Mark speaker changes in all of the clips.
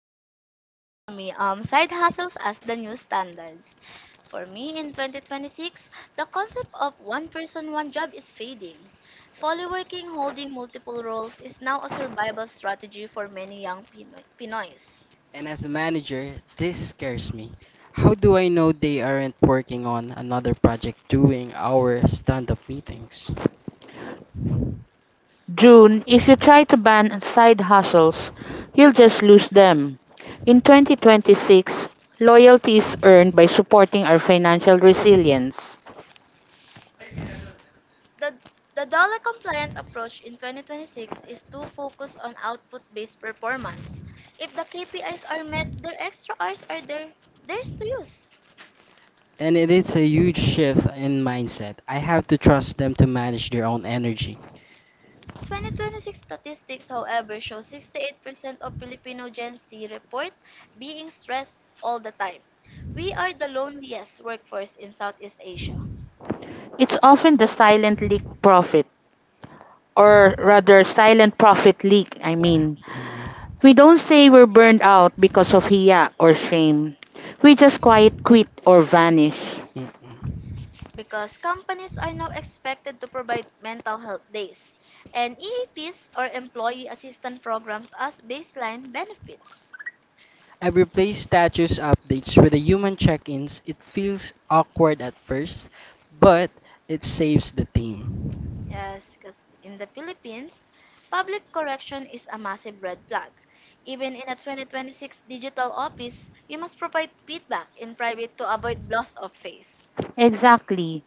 Speaker 1: polyworking economy, side hustles as the new standards. For me, in 2026, the concept of one person, one job is fading. Polyworking holding multiple roles is now a survival strategy for many young Pinoys.
Speaker 2: And as a manager, this scares me. How do I know they aren't working on another project during our stand up meetings?
Speaker 3: June, if you try to ban side hustles, you'll just lose them. In 2026, loyalty is earned by supporting our financial resilience.
Speaker 1: The the dollar compliant approach in 2026 is to focus on output based performance. If the KPIs are met, their extra hours are there, theirs to use.
Speaker 2: And it is a huge shift in mindset. I have to trust them to manage their own energy.
Speaker 1: 2026 statistics, however, show 68% of Filipino Gen Z report being stressed all the time. We are the loneliest workforce in Southeast Asia.
Speaker 3: It's often the silent leak profit, or rather, silent profit leak,
Speaker 1: Yeah,
Speaker 2: Mm,
Speaker 3: We don't say we're burned out because of hiya or shame. We just quiet quit or vanish.
Speaker 2: mm, mm.
Speaker 1: because companies are now expected to provide mental health days and EAPs or employee assistance programs as baseline benefits.
Speaker 2: I've replaced status updates with the human check ins. It feels awkward at first, but it saves the team.
Speaker 1: Yes, because in the Philippines, public correction is a massive red flag. Even in a 2026 digital office, you must provide feedback in private to avoid loss of face.
Speaker 3: Exactly.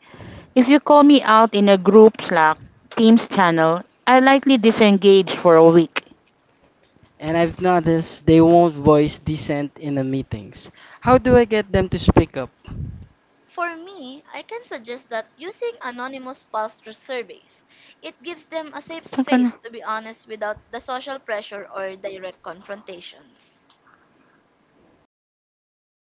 Speaker 3: If you call me out in a group Slack, Teams channel, I likely disengage for a week.
Speaker 2: And I've noticed they won't voice dissent in the meetings. How do I get them to speak up?
Speaker 1: For me, I can suggest that using anonymous pulse through surveys. It gives them a safe
Speaker 3: Bacana.
Speaker 1: space to be honest without the social pressure or direct confrontations. I'm